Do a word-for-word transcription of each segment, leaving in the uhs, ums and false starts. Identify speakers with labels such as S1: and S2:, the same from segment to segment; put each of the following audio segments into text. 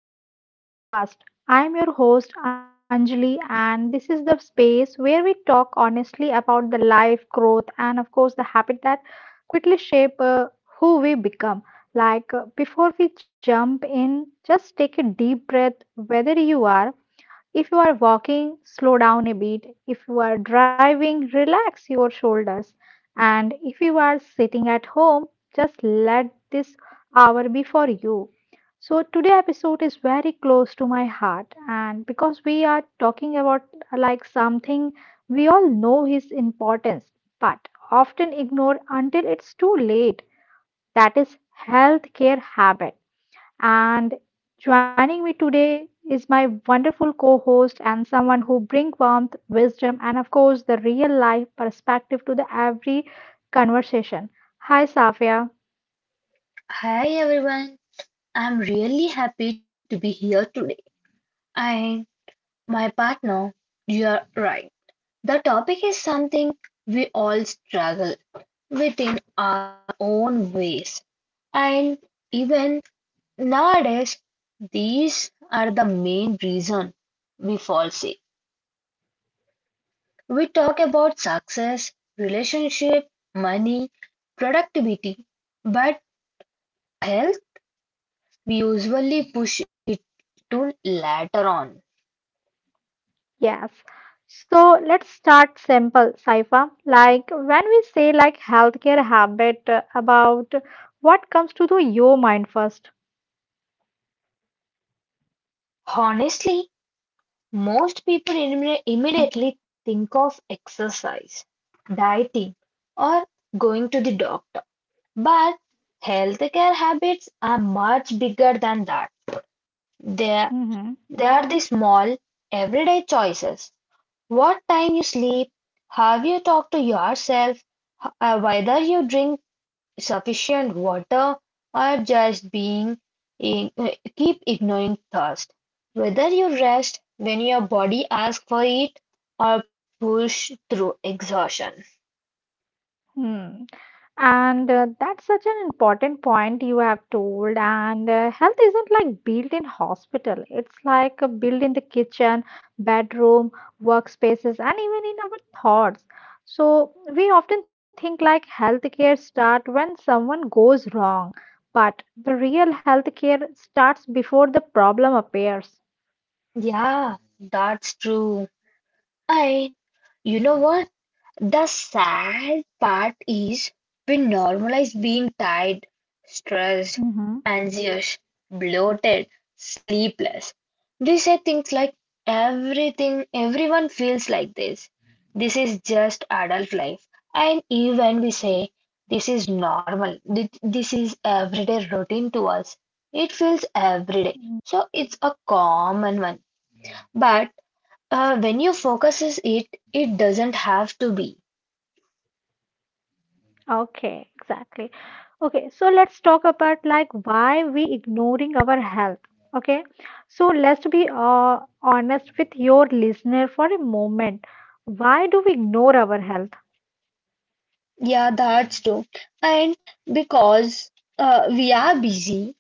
S1: welcome back to the podcast. I am your host Anjali, and this is the space where we talk honestly about the life, growth, and of course, the habit that quickly shape uh, who we become. Like, uh, before we jump in, just take a deep breath, whether you are if you are walking, slow down a bit. If you are driving, relax your shoulders. And if you are sitting at home, just let this hour be for you. So today episode is very close to my heart and because we are talking about like something we all know his importance but often ignore until it's too late that is healthcare habit and joining me today is my wonderful co host and someone who brings warmth, wisdom, and of course, the real life perspective to the every conversation. Hi, Safia.
S2: Hi everyone, I'm really happy to be here today. And my partner, you're right. The topic is something we all struggle within our own ways. And even nowadays, these are the main reason we fall sick. We talk about success, relationship, money, productivity, but health, we usually push it to later on.
S1: Yes. So let's start simple, Saifa. Like when we say like healthcare habit, uh, about what comes to the your mind first.
S2: Honestly, most people imme- immediately think of exercise, dieting, or going to the doctor. But healthcare habits are much bigger than that. They, they are the small, everyday choices, what time you sleep, have you talked to yourself, h- uh, whether you drink sufficient water, or just being in, uh, keep ignoring thirst, whether you rest when your body asks for it or push through exhaustion.
S1: Hmm. And uh, that's such an important point you have told. And uh, health isn't like built in hospital. It's like uh, built in the kitchen, bedroom, workspaces, and even in our thoughts. So we often think like healthcare start when someone goes wrong, but the real healthcare starts before the problem appears.
S2: Yeah, that's true. And you know what? The sad part is we normalize being tired, stressed,
S1: Mm-hmm.
S2: anxious, bloated, sleepless. We say things like, everything, everyone feels like this. This is just adult life. And even we say this is normal, Th- this is everyday routine to us. It feels everyday, so it's a common one. But uh, when you focuses it, it doesn't have to be.
S1: Okay, exactly. Okay, so let's talk about like why we ignoring our health. Okay, so let's be uh, honest with your listener for a moment. Why do we ignore our health?
S2: Yeah, that's true. And because uh, we are busy,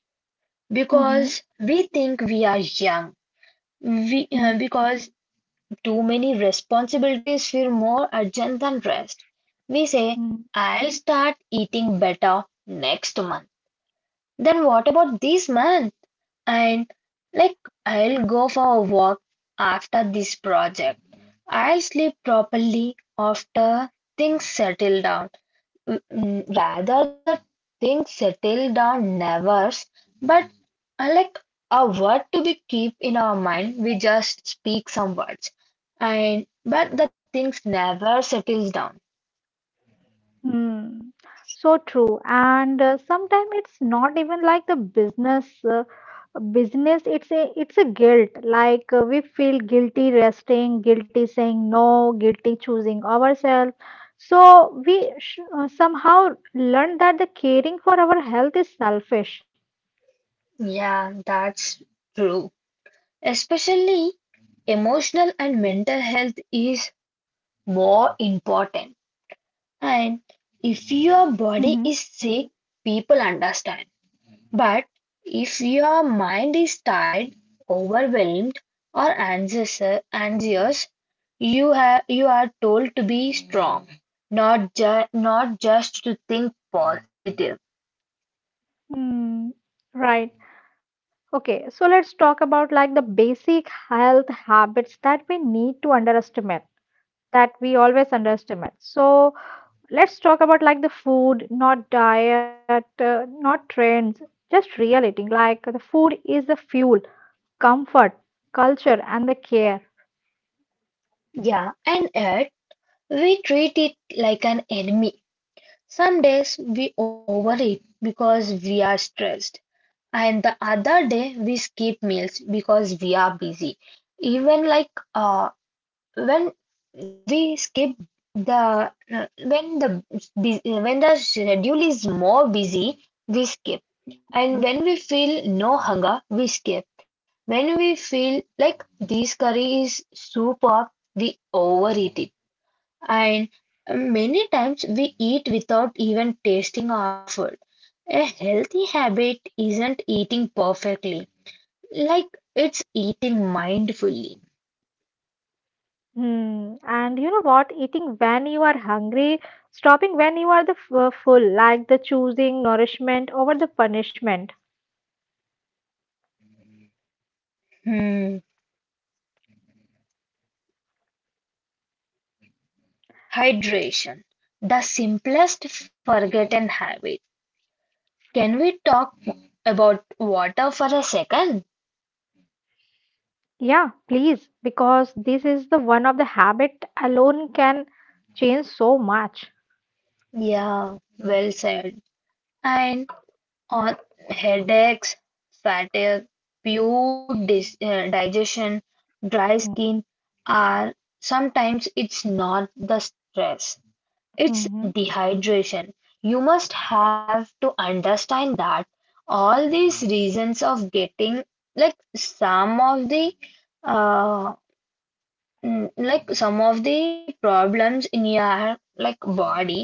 S2: because we think we are young, we,
S1: Mm-hmm.
S2: uh, because too many responsibilities feel more urgent than rest. We say, I'll start eating better next month. Then what about this month? And like, I'll go for a walk after this project. I'll sleep properly after things settle down. Mm, mm, Rather, the things settle down never, but uh, like a word to be keep in our mind, we just speak some words. And but the things never settles down.
S1: Hmm. So true. And uh, sometimes it's not even like the business uh, business it's a it's a guilt like uh, we feel guilty resting, guilty saying no, guilty choosing ourselves. So we sh uh, somehow learn that the caring for our health is selfish.
S2: Yeah, that's true. Especially emotional and mental health is more important. And if your
S1: Mm-hmm.
S2: body is sick, people understand. But if your mind is tired, overwhelmed, or anxious, anxious, you have you are told to be strong, not ju not just to think positive.
S1: Mm, right. Okay, so let's talk about like the basic health habits that we need to underestimate, that we always underestimate. So, let's talk about like the food, not diet, uh, not trends, just real eating. Like the food is the fuel, comfort, culture, and the care.
S2: Yeah, and yet we treat it like an enemy. Some days we overeat because we are stressed, and the other day we skip meals because we are busy. Even like uh, when we skip the uh, when the bus- when the schedule is more busy we skip, and when we feel no hunger we skip, when we feel like this curry is super we overeat it. And many times we eat without even tasting our food. A healthy habit isn't eating perfectly, like it's eating mindfully.
S1: Hmm. And you know what? Eating when you are hungry, stopping when you are the f- uh, full, like the choosing nourishment over the punishment.
S2: Hmm. Hydration, the simplest forgotten habit. Can we talk about water for a second?
S1: Yeah, please, because this is the one of the habit alone can change so much.
S2: Yeah, well said. And on headaches, fatigue, poor dis- uh, digestion, dry skin, are sometimes it's not the stress, it's
S1: Mm-hmm.
S2: dehydration. You must have to understand that all these reasons of getting, like some of the uh mm, like some of the problems in your like body,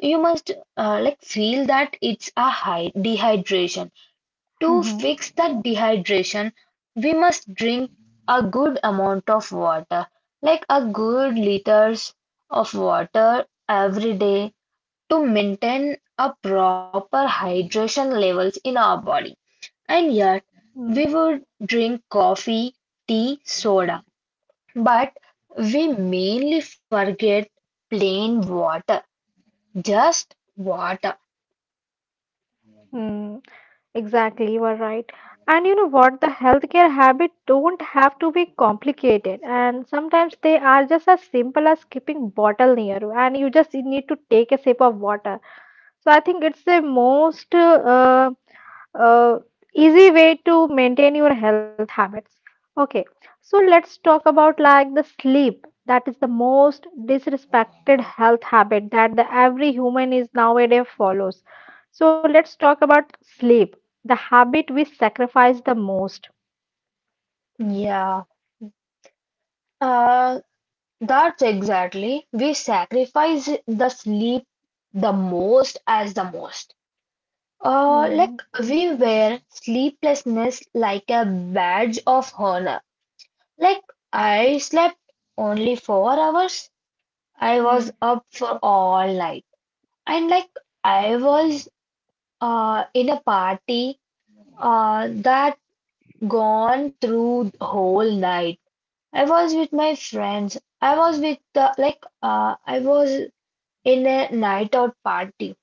S2: you must uh, like feel that it's a high dehydration. To
S1: Mm-hmm.
S2: fix that dehydration we must drink a good amount of water, like a good liters of water every day to maintain a proper hydration levels in our body. And yet
S1: Mm-hmm,
S2: we would drink coffee, tea, soda, but we mainly forget plain water, just water.
S1: mm-hmm. Exactly, you are right. And you know what? The healthcare habits don't have to be complicated, and sometimes they are just as simple as keeping bottle near you, and you just need to take a sip of water. So I think it's the most uh, uh, easy way to maintain your health habits. Okay, so let's talk about like the sleep. That is the most disrespected health habit that the every human is nowadays follows. So let's talk about sleep, the habit we sacrifice the most.
S2: Yeah, uh, that's exactly. We sacrifice the sleep the most, as the most. Uh,
S1: Mm,
S2: like we wear sleeplessness like a badge of honor. Like, I slept only four hours. I was
S1: mm,
S2: up for all night. And like, I was uh, in a party uh, that gone through the whole night. I was with my friends. I was with, uh, like, uh, I was in a night out party.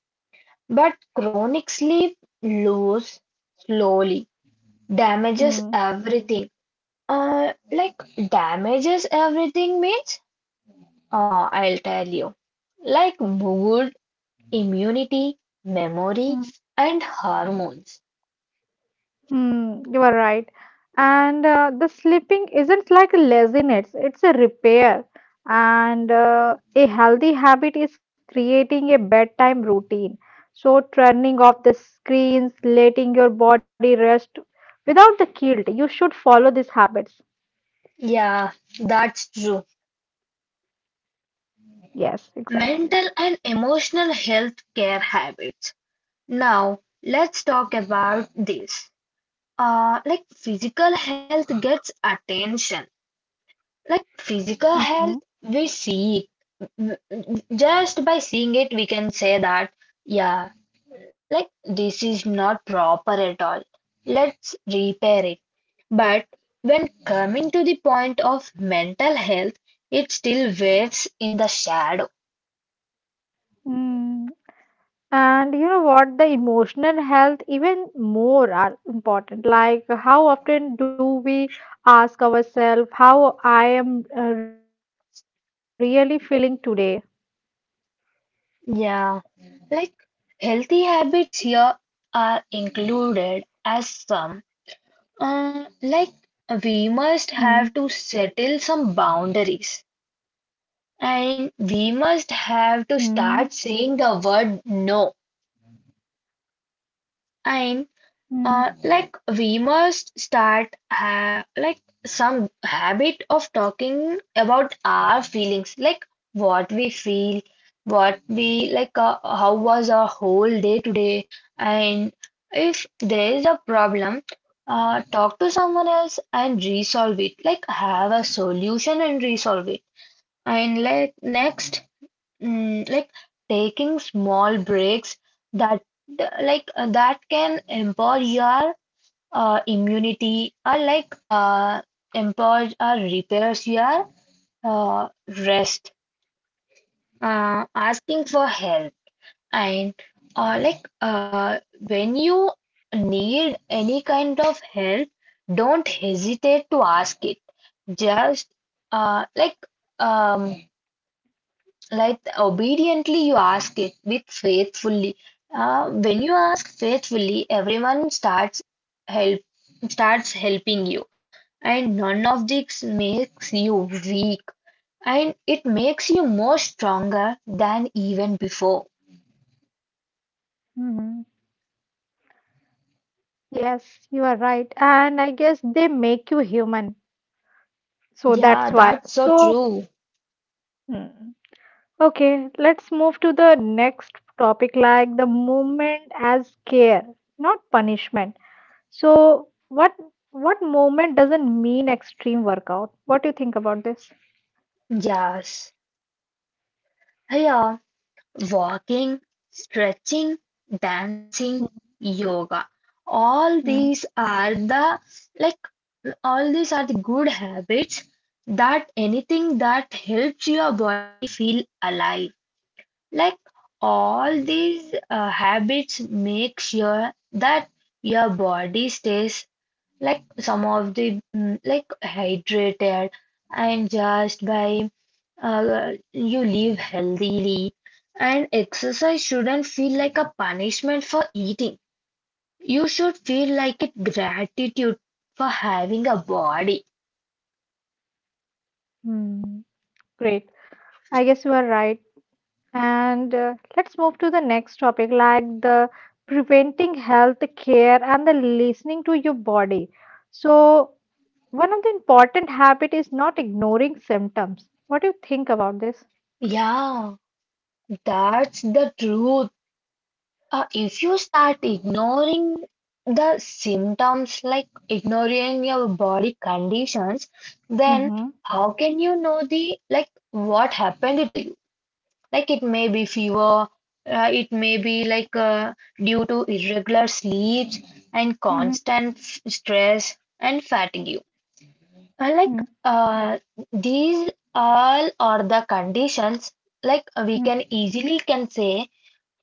S2: But chronic sleep lose slowly damages
S1: mm.
S2: everything. Uh, like, damages everything means, ah, I'll tell you. Like mood, immunity, memory, and hormones.
S1: Hmm, you are right. And uh, the sleeping isn't like laziness, it's a repair. And uh, a healthy habit is creating a bedtime routine. So, turning off the screens, letting your body rest without the guilt. You should follow these habits.
S2: Yeah, that's true.
S1: Yes, exactly.
S2: Mental and emotional health care habits. Now, let's talk about this. Uh, like physical health gets attention. Like physical
S1: Mhm.
S2: health, we see it. W- w- Just by seeing it, we can say that, yeah, like this is not proper at all, let's repair it. But when coming to the point of mental health, it still waves in the shadow.
S1: Mm. And you know what? The emotional health, even more, are important. Like, how often do we ask ourselves how I am uh, really feeling today?
S2: Yeah, like healthy habits here are included as some, uh, like, we
S1: Mm,
S2: must have to settle some boundaries, and we must
S1: mm,
S2: have to start saying the word no. And
S1: mm,
S2: Uh, like we must start ha like some habit of talking about our feelings, like what we feel, what we like, uh, how was our whole day today. And if there is a problem, uh, talk to someone else and resolve it. Like have a solution and resolve it. And like next, mm, like taking small breaks that like uh, that can empower your uh, immunity, are like uh, employed or repairs you are uh, rest, uh, asking for help. And uh, like uh, when you need any kind of help, don't hesitate to ask it. Just uh, like um, like obediently you ask it with faithfully. uh, when you ask faithfully, everyone starts help starts helping you, and none of this makes you weak, and it makes you more stronger than even before.
S1: mm. Yes, you are right. And I guess they make you human. So
S2: Yeah,
S1: that's why.
S2: that's so
S1: So.
S2: true.
S1: Mm. Okay, let's move to the next topic like the movement as care, not punishment. So what what movement doesn't mean extreme workout? What do you think about this?
S2: Yes, yeah, walking, stretching, dancing, yoga, all
S1: Mm,
S2: these are the, like all these are the good habits, that anything that helps your body feel alive. Like all these uh, habits make sure that your body stays, like some of the mm, like hydrated, and just by uh, you live healthily. And exercise shouldn't feel like a punishment for eating. You should feel like it gratitude for having a body.
S1: mm, great. I guess you are right. And uh, let's move to the next topic, like the preventing health care and the listening to your body. So one of the important habit is not ignoring symptoms. What do you think about this?
S2: Yeah, that's the truth. Uh, If you start ignoring the symptoms, like ignoring your body conditions, then
S1: Mm-hmm.
S2: how can you know the like what happened to you? Like it may be fever, uh, it may be like uh, due to irregular sleeps and constant f- stress and fatigue. Uh,
S1: Mm-hmm.
S2: Like uh, these all are the conditions, like we can easily can say,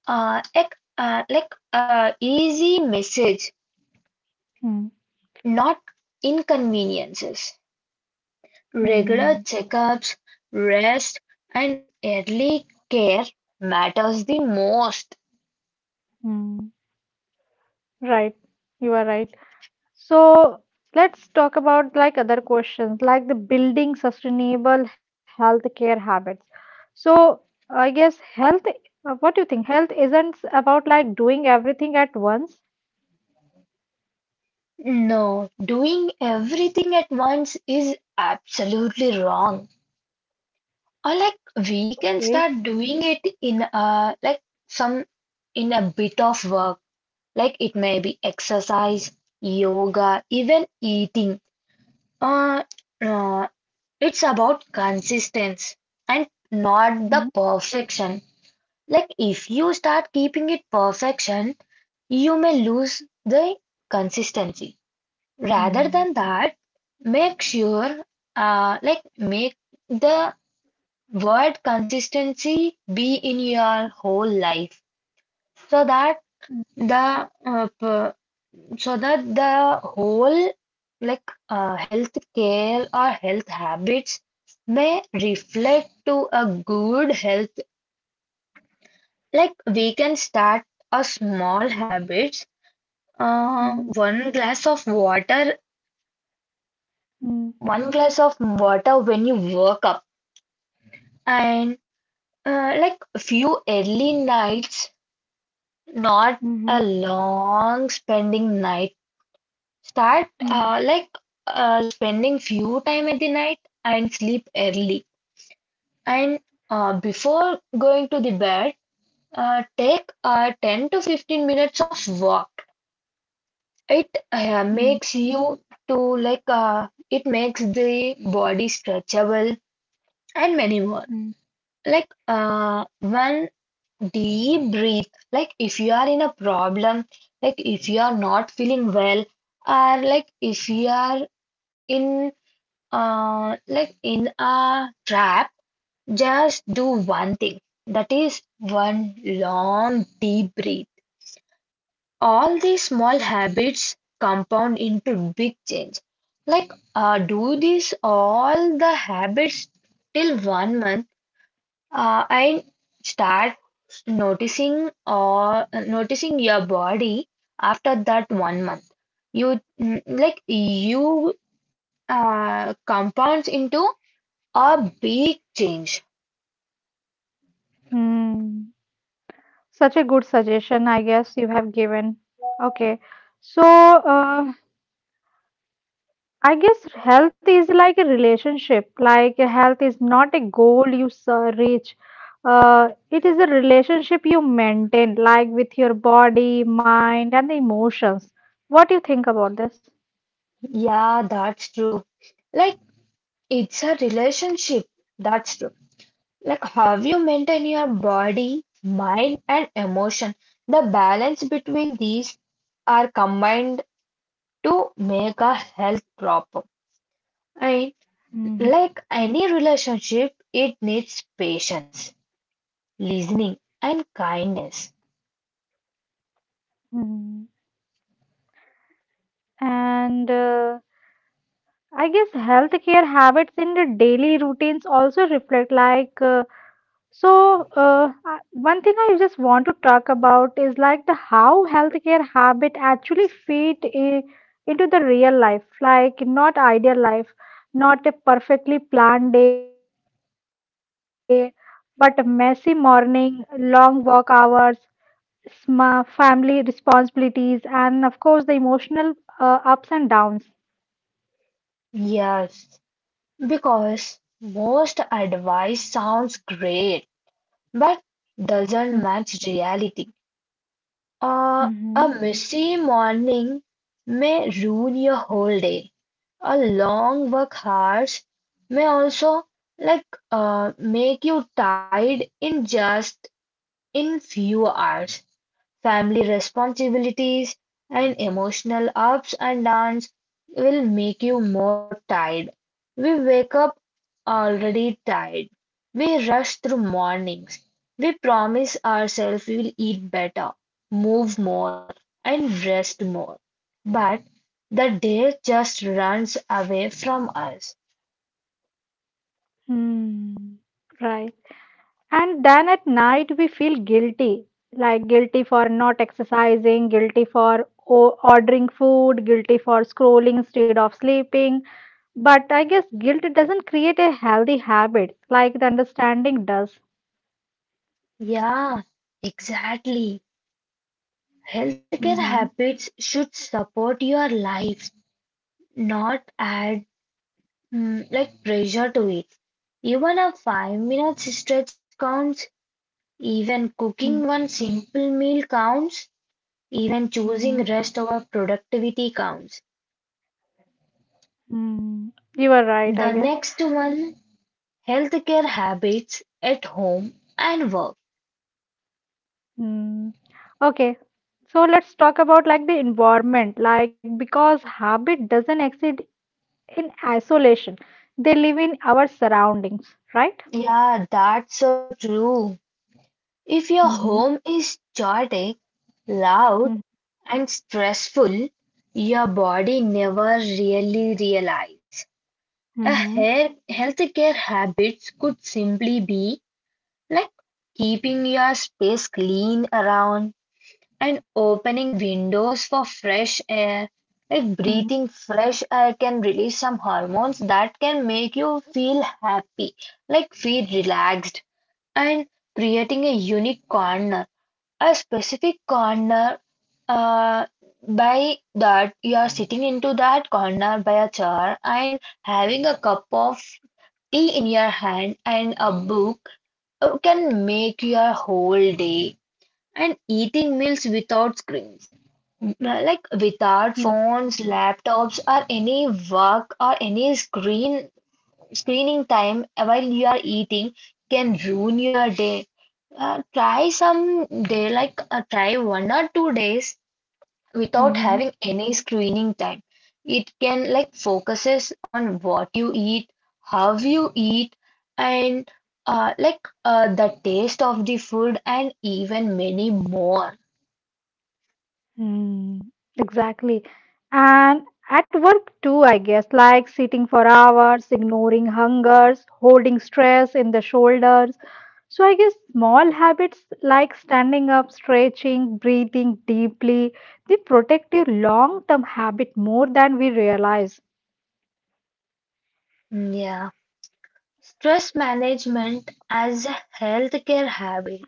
S2: uh, ec- uh, like uh, easy message,
S1: Mm-hmm.
S2: not inconveniences. Regular checkups, rest, and early care matters the most.
S1: Mm-hmm. Right. You are right. So let's talk about like other questions, like the building sustainable healthcare habits. So I guess health, uh, what do you think? Health isn't about like doing everything at once.
S2: No, doing everything at once is absolutely wrong. Or like we can
S1: Okay.
S2: start doing it in a like some in a bit of work. Like it may be exercise, yoga, even eating. Uh, uh, It's about consistency and not the
S1: Mhm.
S2: perfection. Like if you start keeping it perfection, you may lose the consistency. Rather than
S1: Mm,
S2: that, make sure, uh, like make the word consistency be in your whole life, so that
S1: mm,
S2: the uh, so that the whole like uh, health care or health habits may reflect to a good health. Like we can start a small habits, uh,
S1: mm,
S2: one glass of water one glass of water when you wake up. And uh, like few early nights, not
S1: mhm,
S2: a long spending night. Start
S1: mm,
S2: uh, like uh, spending few time at the night and sleep early. And uh, before going to the bed, uh, take uh, ten to fifteen minutes of walk. It uh,
S1: mm,
S2: makes you to like uh, it makes the body stretchable, and many more.
S1: mm.
S2: Like uh, one deep breath. Like if you are in a problem, like if you are not feeling well, or like if you are in, uh, like in a trap. Just do one thing, that is one long deep breath. All these small habits compound into big change. Like uh, do this all the habits till one month, uh, and start noticing or noticing your body after that one month. You mm, like you uh, compounds into a big change.
S1: Hmm. Such a good suggestion, I guess you have given. Okay. So, uh, I guess health is like a relationship. Like health is not a goal you s- reach. Uh, it is a relationship you maintain, like with your body, mind, and the emotions. What do you think about this?
S2: Yeah, that's true. Like it's a relationship. That's true. Like how you maintain your body, mind, and emotion. The balance between these are combined to make a health proper. And
S1: Mhm.
S2: like any relationship, it needs patience, listening, and kindness.
S1: Mhm. And uh, I guess healthcare habits in the daily routines also reflect like. uh, So, uh, I- one thing I just want to talk about is like the how healthcare habit actually fit i- into the real life, like not ideal life, not a perfectly planned day, but a messy morning, long work hours, sma family responsibilities, and of course the emotional uh, ups and downs.
S2: Yes, because most advice sounds great, but
S1: Mm-hmm.
S2: doesn't match reality. Uh,
S1: Mm-hmm.
S2: a messy morning may ruin your whole day. A long work hours may also like uh, make you tired in just, in few hours. Family responsibilities and emotional ups and downs will make you more tired. We wake up already tired. We rush through morning. We promise ourselves we'll eat better, move more, and rest more. But the day just runs away from us.
S1: Hmm. Right. And then at night, we feel guilty like guilty for not exercising, guilty for o- ordering food, guilty for scrolling instead of sleeping. But I guess guilt doesn't create a healthy habit like the understanding does.
S2: Yeah, exactly. Healthcare
S1: Mm-hmm.
S2: habits should support your life, not add mm, like pressure to it. Even a five minute stretch counts, even cooking one simple meal counts, even
S1: Mm-hmm.
S2: choosing rest over productivity counts.
S1: Mm-hmm. You are right, I
S2: The
S1: guess.
S2: next one, healthcare habits at home and work.
S1: Mm. Okay. So let's talk about like the environment, like because habit doesn't exist in isolation. They live in our surroundings, right?
S2: Yeah, that's so true. If your home is chaotic, loud,
S1: Mhm,
S2: and stressful, your body never really realizes. A
S1: mhm,
S2: hair healthcare habits could simply be like keeping your space clean around, and opening windows for fresh air. Like
S1: mhm,
S2: breathing fresh air can release some hormones that can make you feel happy, like feel relaxed, and creating a unique corner, a specific corner. Uh, by that, you are sitting into that corner by a chair and having a cup of tea in your hand and a book uh, can make your whole day. And eating meals without screens, like without
S1: mhm,
S2: phones, laptops, or any work or any screen screening time while you are eating can ruin your day. Uh, try some day, like, uh, try one or two days without
S1: mhm,
S2: having any screening time. It can, like, focuses on what you eat, how you eat, and uh, like uh, the taste of the food and even many more.
S1: mhm. Exactly. And at work too, I guess, like sitting for hours, ignoring hungers, holding stress in the shoulders. So I guess small habits like standing up, stretching, breathing deeply, they protect your long-term habit more than we realize.
S2: Yeah, stress management as a healthcare habit.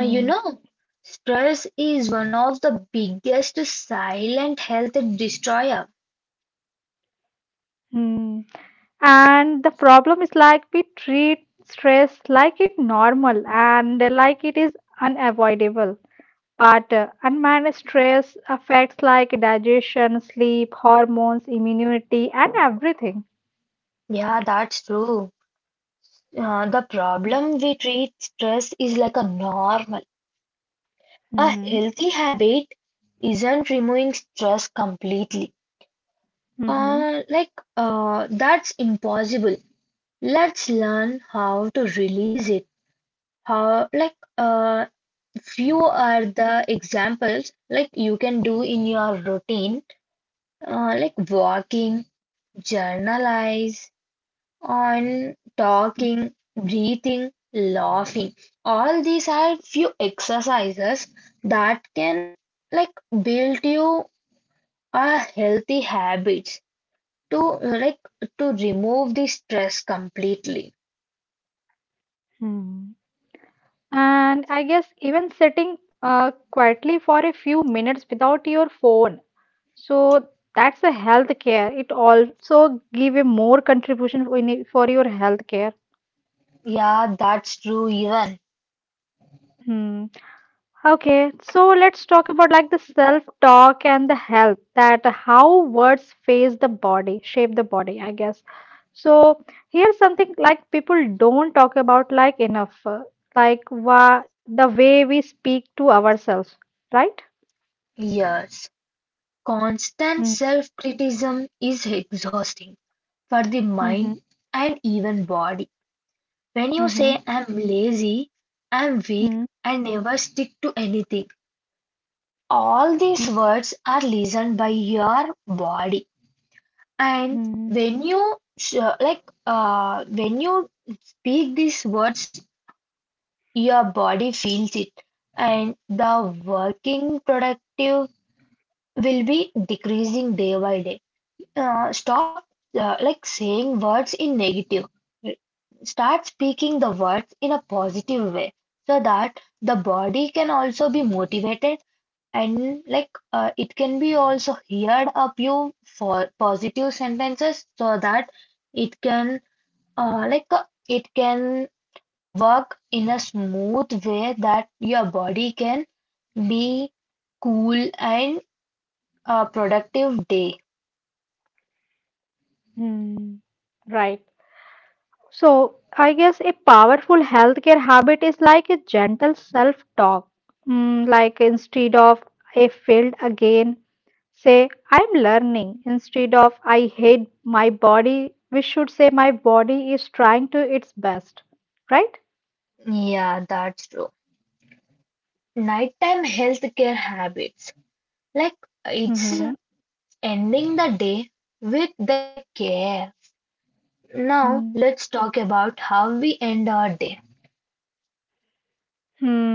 S2: Uh, you know, Stress is one of the biggest silent health destroyer.
S1: mm. And the problem is like we treat stress like it normal and like it is unavoidable. But uh, unmanaged stress affects like digestion, sleep, hormones, immunity, and everything.
S2: Yeah, that's true. Uh, the problem we treat stress is like a normal. A
S1: Mm-hmm.
S2: healthy habit isn't removing stress completely.
S1: Mm-hmm.
S2: Uh, like, uh, that's impossible. Let's learn how to release it. How, like, uh, few are the examples like you can do in your routine, uh, like walking, journalize, on talking, breathing, laughing. All these are few exercises that can, like, build you a healthy habits to uh, like to remove the stress completely.
S1: Hmm. And I guess even sitting uh, quietly for a few minutes without your phone. So that's a health care. It also give a more contribution in it for your health care.
S2: Yeah, that's true even.
S1: Okay, so let's talk about like the self-talk and the health that how words face the body, shape the body, I guess. So here's something like people don't talk about like enough, uh, like wha the way we speak to ourselves, right?
S2: Yes.
S1: Mm-hmm,
S2: Constant self-criticism is exhausting for the
S1: mm-hmm,
S2: mind and even body. When you
S1: mm-hmm,
S2: say I'm lazy, I'm weak,
S1: mm-hmm,
S2: I never stick to anything, all these words are listened by your body. And
S1: mm-hmm,
S2: when you sh- like uh, when you speak these words, your body feels it, and the working productive will be decreasing day by day. Uh, stop uh, like saying words in negative. Start speaking the words in a positive way so that the body can also be motivated, and, like, uh, it can be also heard a few for positive sentences so that it can uh, like uh, it can work in a smooth way that your body can be cool and a productive day.
S1: mm-hmm. Right. So, I guess a powerful healthcare habit is like a gentle self talk. Mm, like instead of I failed again, say I'm learning. Instead of I hate my body, we should say my body is trying to its best, right?
S2: Yeah, that's true. Nighttime healthcare habits, like it's
S1: Mm-hmm.
S2: ending the day with the care.
S1: Hmm.
S2: Now
S1: Mm.
S2: let's talk about how we end our day.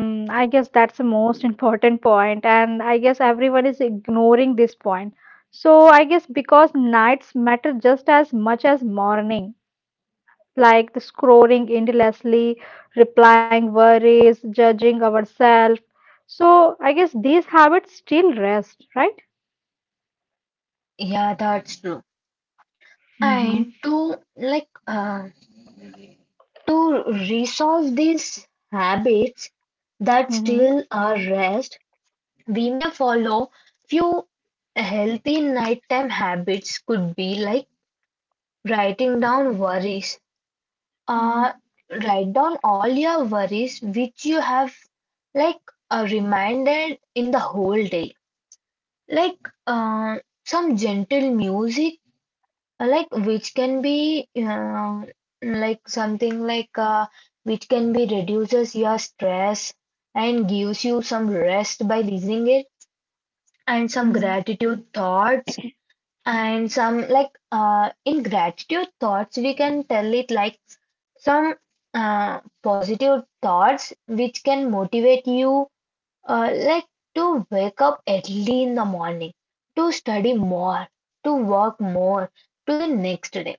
S1: Hmm, I guess that's the most important point, and I guess everyone is ignoring this point. So, I guess because nights matter just as much as morning. Like the scrolling endlessly, replying worries, judging ourselves. So I guess these habits still rest, right?
S2: Yeah, that's true.
S1: Mm-hmm.
S2: And to like uh, to resolve these habits that
S1: Hmm.
S2: steal our rest, we may follow few healthy nighttime habits. Could be like writing down worries.
S1: Mm-hmm.
S2: Uh, Write down all your worries which you have, like, uh, reminded in the whole day. Like, uh, some gentle music, uh, like which can be, uh, like something, like, uh, which can be reduces your stress and gives you some rest by listening it, and some
S1: Mm,
S2: gratitude thoughts, and some, like, uh, in gratitude thoughts, we can tell it like some, uh, positive thoughts which can motivate you, uh, like to wake up early in the morning, to study more, to work more, to the next day,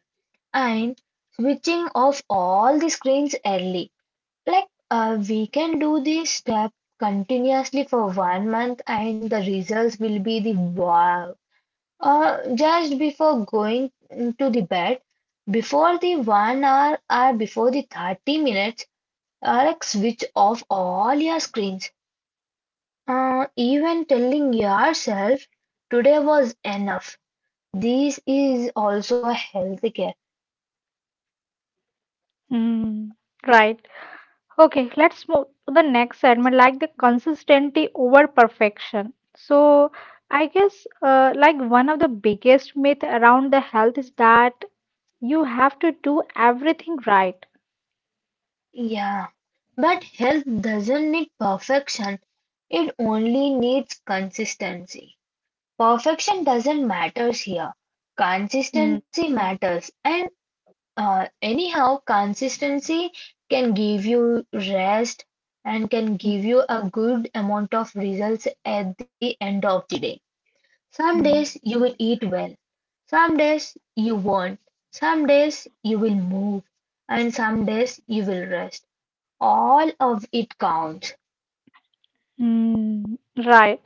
S2: and switching off all the screens early. Like, uh, we can do this step continuously for one month, and the results will be the wow. Uh, just before going to the bed, before the one hour or before the thirty minutes, uh, like switch off all your screens. Uh, even telling yourself today was enough. This is also a health care.
S1: mm, mm. Right. Okay, let's move to the next segment, like the consistency over perfection. So, I guess uh, like one of the biggest myth around the health is that you have to do everything right.
S2: Yeah, but health doesn't need perfection. It only needs consistency. Perfection doesn't matters here.
S1: Mm,
S2: Consistency matters, and Uh, anyhow, consistency can give you rest and can
S1: mm,
S2: give you a good amount of results at the end of the day. Some
S1: mm,
S2: days you will eat well, some days you won't, some days you will move, and some days you will rest. All of it counts.
S1: mm, right.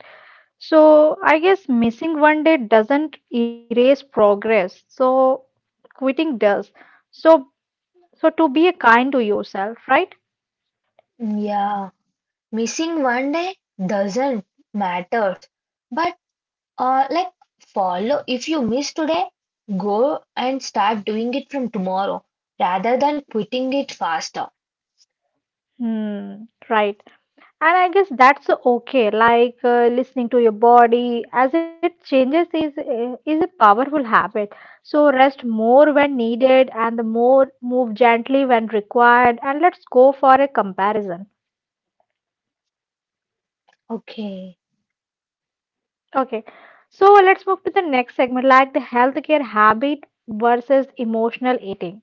S1: So I guess missing one day doesn't erase progress. So quitting does. So so to be kind to yourself, right?
S2: Yeah, missing one day doesn't matter, but Uh, like follow, if you miss today, go and start doing it from tomorrow rather than quitting it faster.
S1: Hmm, right. And I guess that's okay. Like uh, listening to your body as it changes is uh, is a powerful habit. So rest more when needed and the more move gently when required and let's go for a comparison.
S2: Okay.
S1: Okay, so let's move to the next segment, like the healthcare habit versus emotional eating.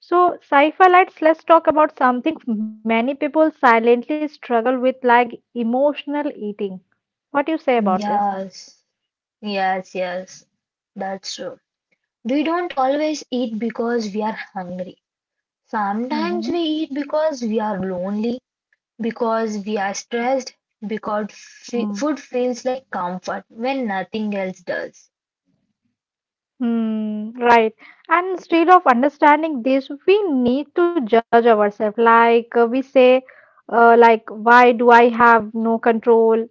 S1: So, Saifa, let's let's talk about something many people silently struggle with, like emotional eating. What do you say about this?
S2: Yes. Yes, yes. That's true. We don't always eat because we are hungry. Sometimes we
S1: Hmm.
S2: eat because we are lonely, because we are stressed, because f
S1: Mm.
S2: food feels like comfort when nothing else does.
S1: Hmm, right. And instead of understanding this, we need to judge ourselves. Like uh, we say, uh, like, why do I have no control?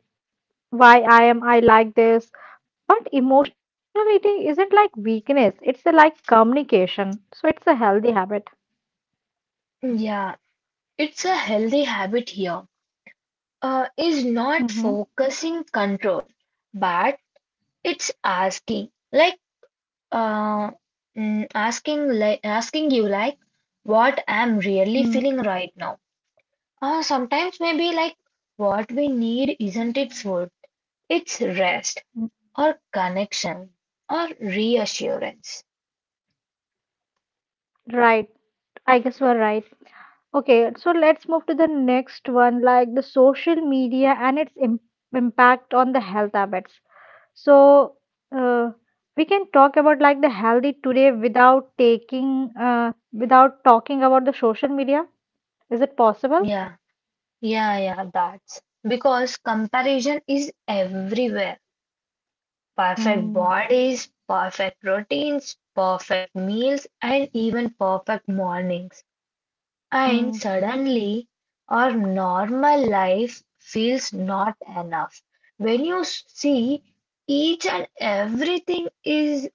S1: Why I am I like this. But emotional eating isn't like weakness, it's a, like communication. So it's a healthy habit.
S2: Yeah, it's a healthy habit here. Uh, is not
S1: Mm-hmm.
S2: focusing control, but it's asking, like, uh, mm, asking, like, asking you, like, what I'm really
S1: Mm,
S2: feeling right now. Uh, sometimes maybe, like, what we need isn't it food, it's rest
S1: mm.
S2: or connection or reassurance.
S1: Right. I guess we're right. Okay, so let's move to the next one, like the social media and its im impact on the health habits. So, uh, we can talk about like the healthy today without taking, uh, without talking about the social media. Is it possible?
S2: Yeah, yeah, yeah, that's because comparison is everywhere. Perfect bodies, perfect routines, perfect meals, and even perfect mornings. And
S1: Mm-hmm.
S2: suddenly, our normal life feels not enough. When you see each and everything is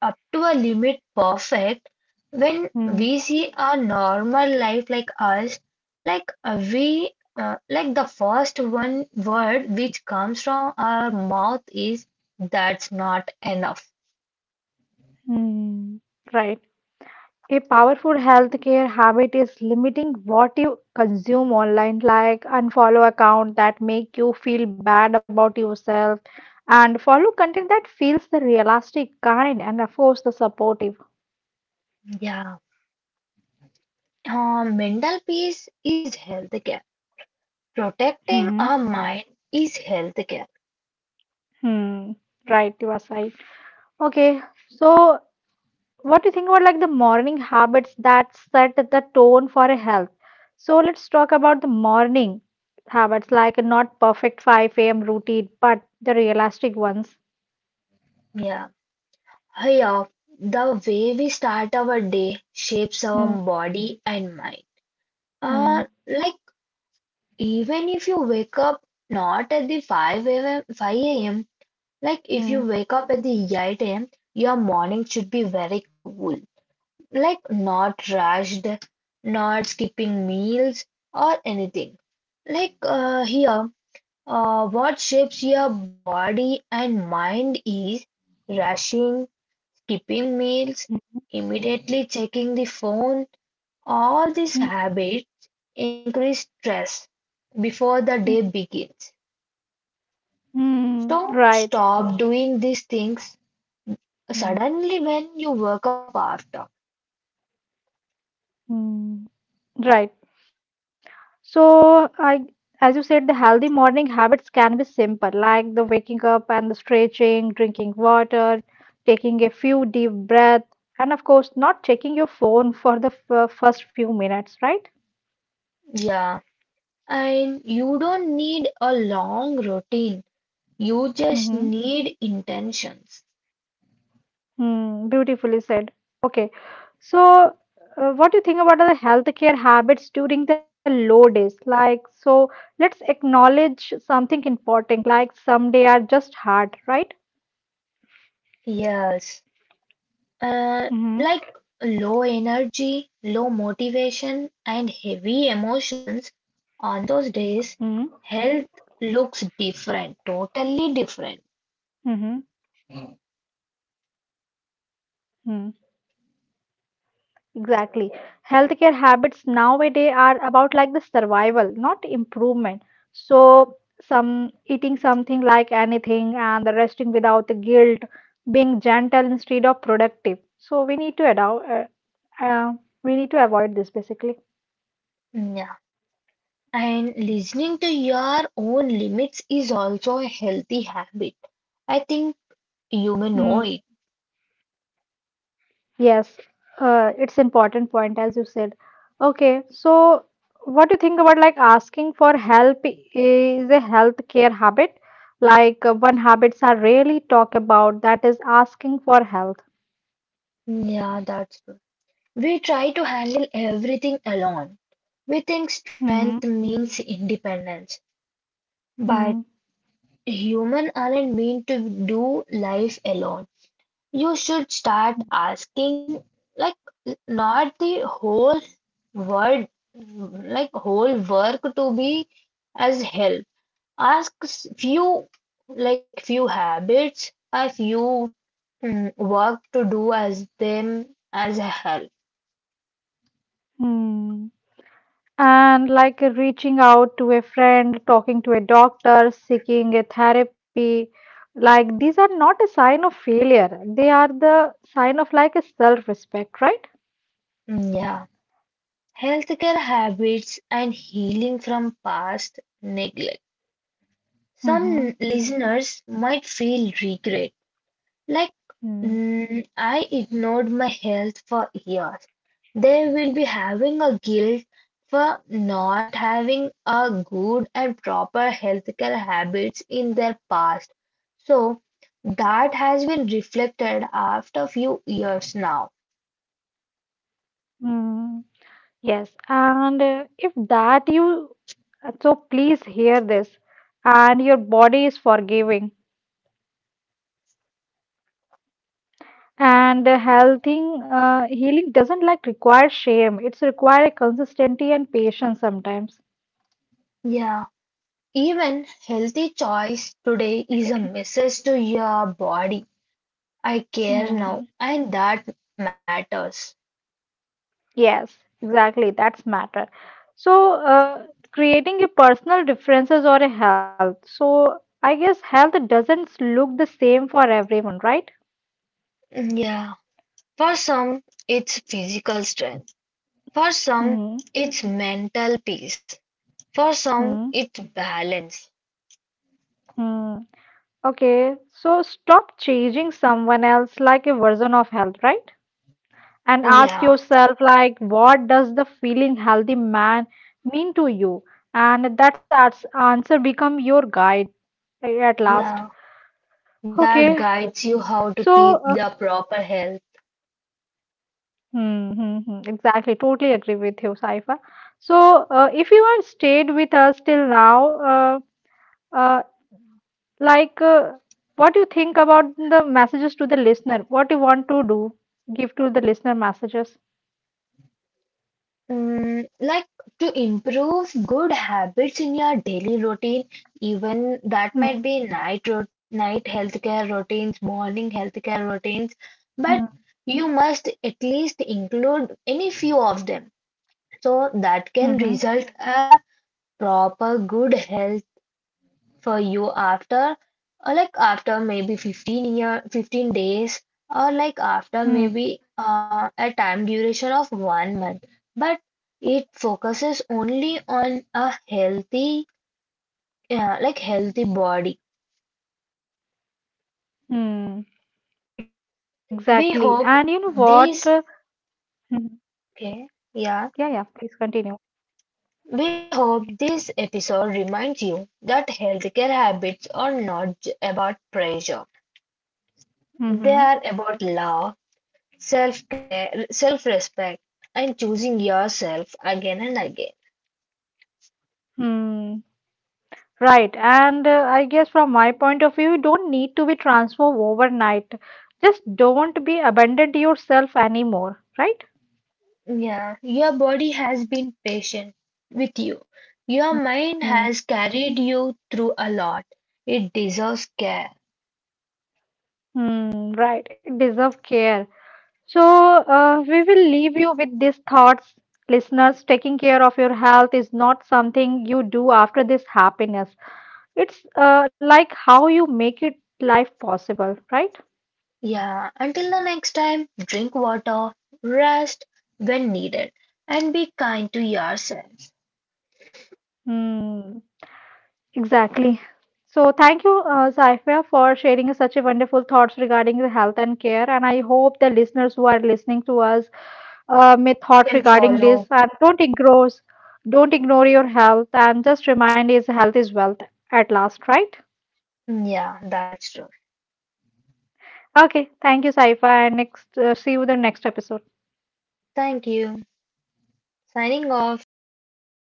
S2: up to a limit perfect, when we see a normal life like us, like uh, we, uh, like the first one word which comes from our mouth is that's not enough.
S1: Mm, right. A powerful healthcare habit is limiting what you consume online, like unfollow account that make you feel bad about yourself and follow content that feels the realistic, kind, and of course the supportive.
S2: Yeah, uh, mental peace is healthcare. Protecting
S1: Mm-hmm.
S2: our mind is healthcare.
S1: Hmm. Right, you are right. Okay, so what do you think about like the morning habits that set the tone for a health, so let's talk about the morning habits like not perfect five a m routine but the realistic ones.
S2: Yeah, yeah, the way we start our day shapes our
S1: Hmm,
S2: body and mind,
S1: hmm,
S2: uh, like even if you wake up not at the five a m, five a m, like if
S1: hmm,
S2: you wake up at the eight a m, your morning should be very cool. Like not rushed, not skipping meals or anything. Like uh, here, uh, what shapes your body and mind is rushing, skipping meals,
S1: hmm,
S2: immediately checking the phone. All these
S1: hmm,
S2: habits increase stress before the day
S1: hmm,
S2: begins.
S1: hmm,
S2: So
S1: right.
S2: stop doing these things
S1: Hmm,
S2: suddenly when you work up after.
S1: hmm, right. So, I, as you said, the healthy morning habits can be simple, like the waking up and the stretching, drinking water, taking a few deep breaths, and of course, not checking your phone for the f- uh, first few minutes, right?
S2: Yeah, and you don't need a long routine. You just
S1: Mm-hmm.
S2: need intentions.
S1: Mm, beautifully said. Okay. So, uh, what do you think about the healthcare habits during the low days? Like, so let's acknowledge something important, like some day are just hard, right?
S2: Yes, uh,
S1: Mm-hmm.
S2: like low energy, low motivation, and heavy
S1: Mm-hmm.
S2: emotions on those days, health looks different,
S1: Mm-hmm.
S2: totally different.
S1: Exactly. Healthcare habits nowadays are about like the survival, not improvement. So, some eating something like anything and the resting without the guilt, being gentle instead of productive. So, we need to adopt, uh, uh, we need to avoid this basically.
S2: Yeah. And listening to your own limits is also a healthy habit. I think you may
S1: Hmm.
S2: know it.
S1: Yes, uh, it's important point as you said. Okay, so what do you think about like asking for help is a healthcare habit? Like uh, one habits are rarely talk about that is asking for help.
S2: Yeah, that's true. We try to handle everything alone. We think strength
S1: Mm-hmm.
S2: means independence, but
S1: Mm.
S2: human aren't meant to do life alone. You should start asking, like, not the whole world, like, whole work to be as help. Asks few, like few habits a few, mm, work to do as them as a health.
S1: Mm. And like reaching out to a friend, talking to a doctor, seeking a therapy, like these are not a sign of failure. They are the sign of like a self-respect, right?
S2: Mm, yeah, healthcare habits and healing from past neglect, some
S1: Mm-hmm.
S2: listeners might feel regret, like, mm, I ignored my health for years. They will be having a guilt for not having a good and proper healthcare habits in their past. So that has been reflected after few years now.
S1: Mm, yes, and uh, if that you, uh, so please hear this, and your body is forgiving, and the healing, uh, healing doesn't like require shame. It's require a consistency and patience sometimes.
S2: Yeah, even healthy choice today is a message to your body. I care
S1: Mm,
S2: now, and that matters.
S1: yes, exactly. That's matter. So, uh, creating a personal differences or a health. So, I guess health doesn't look the same for everyone, right?
S2: Yeah. For some, it's physical strength, for some,
S1: Hmm.
S2: it's mental peace, for some,
S1: Hmm.
S2: it's balance.
S1: Hmm. Okay, so stop changing someone else like a version of health, right? And ask
S2: Yeah,
S1: yourself, like, what does the feeling healthy man mean to you? And that's ans- answer become your guide a- at last.
S2: yeah,
S1: Okay,
S2: that guides you how to
S1: so
S2: keep
S1: uh,
S2: the proper health.
S1: hmm, hmm, hmm, exactly, totally agree with you, Saifa. So uh, if you have stayed with us till now, uh, uh, like, uh, what you think about the messages to the listener? What you want to do? Give to the listener messages.
S2: Mm, like, to improve good habits in your daily routine, even that might
S1: Mm,
S2: be night ro night healthcare routines, morning healthcare routines, but
S1: mm,
S2: you must at least include any few of them. So that
S1: mhm,
S2: can result a proper good health for you after, or like after maybe fifteen year fifteen days, or like after
S1: mm,
S2: maybe uh, a time duration of one month, but it focuses only on a healthy, uh, like healthy body.
S1: mm.
S2: We
S1: Exactly.
S2: hope
S1: And you know what?
S2: this
S1: Uh, mhm.
S2: Okay. Yeah.
S1: Yeah, yeah, please continue.
S2: We hope this episode reminds you that healthcare habits are not j- about pressure. They
S1: Mm-hmm.
S2: are about love, self-care, self-respect, and choosing yourself again and again.
S1: Mm. Right. And uh, I guess from my point of view, you don't need to be transformed overnight. Just don't be abandoned to yourself anymore, right?
S2: Yeah, your body has been patient with you. Your mind
S1: Mm.
S2: has carried you through a lot. It deserves care.
S1: Mm. Right. It deserves care. So, uh, we will leave you with these thoughts. Listeners, taking care of your health is not something you do after this happiness. It's uh, like how you make it life possible, right?
S2: Yeah, until the next time, drink water, rest when needed, and be kind to yourself.
S1: Hmm, exactly. So, thank you, uh, Saifia, for sharing such a wonderful thoughts regarding the health and care. And I hope the listeners who are listening to us uh, may thought
S2: Can
S1: regarding this
S2: follow.
S1: and don't ignore, don't ignore your health and just remind is health is wealth at last, right?
S2: Yeah, that's true.
S1: Okay, thank you, Saifa, and next uh, see you with the next episode.
S2: Thank you. Signing off. Take care.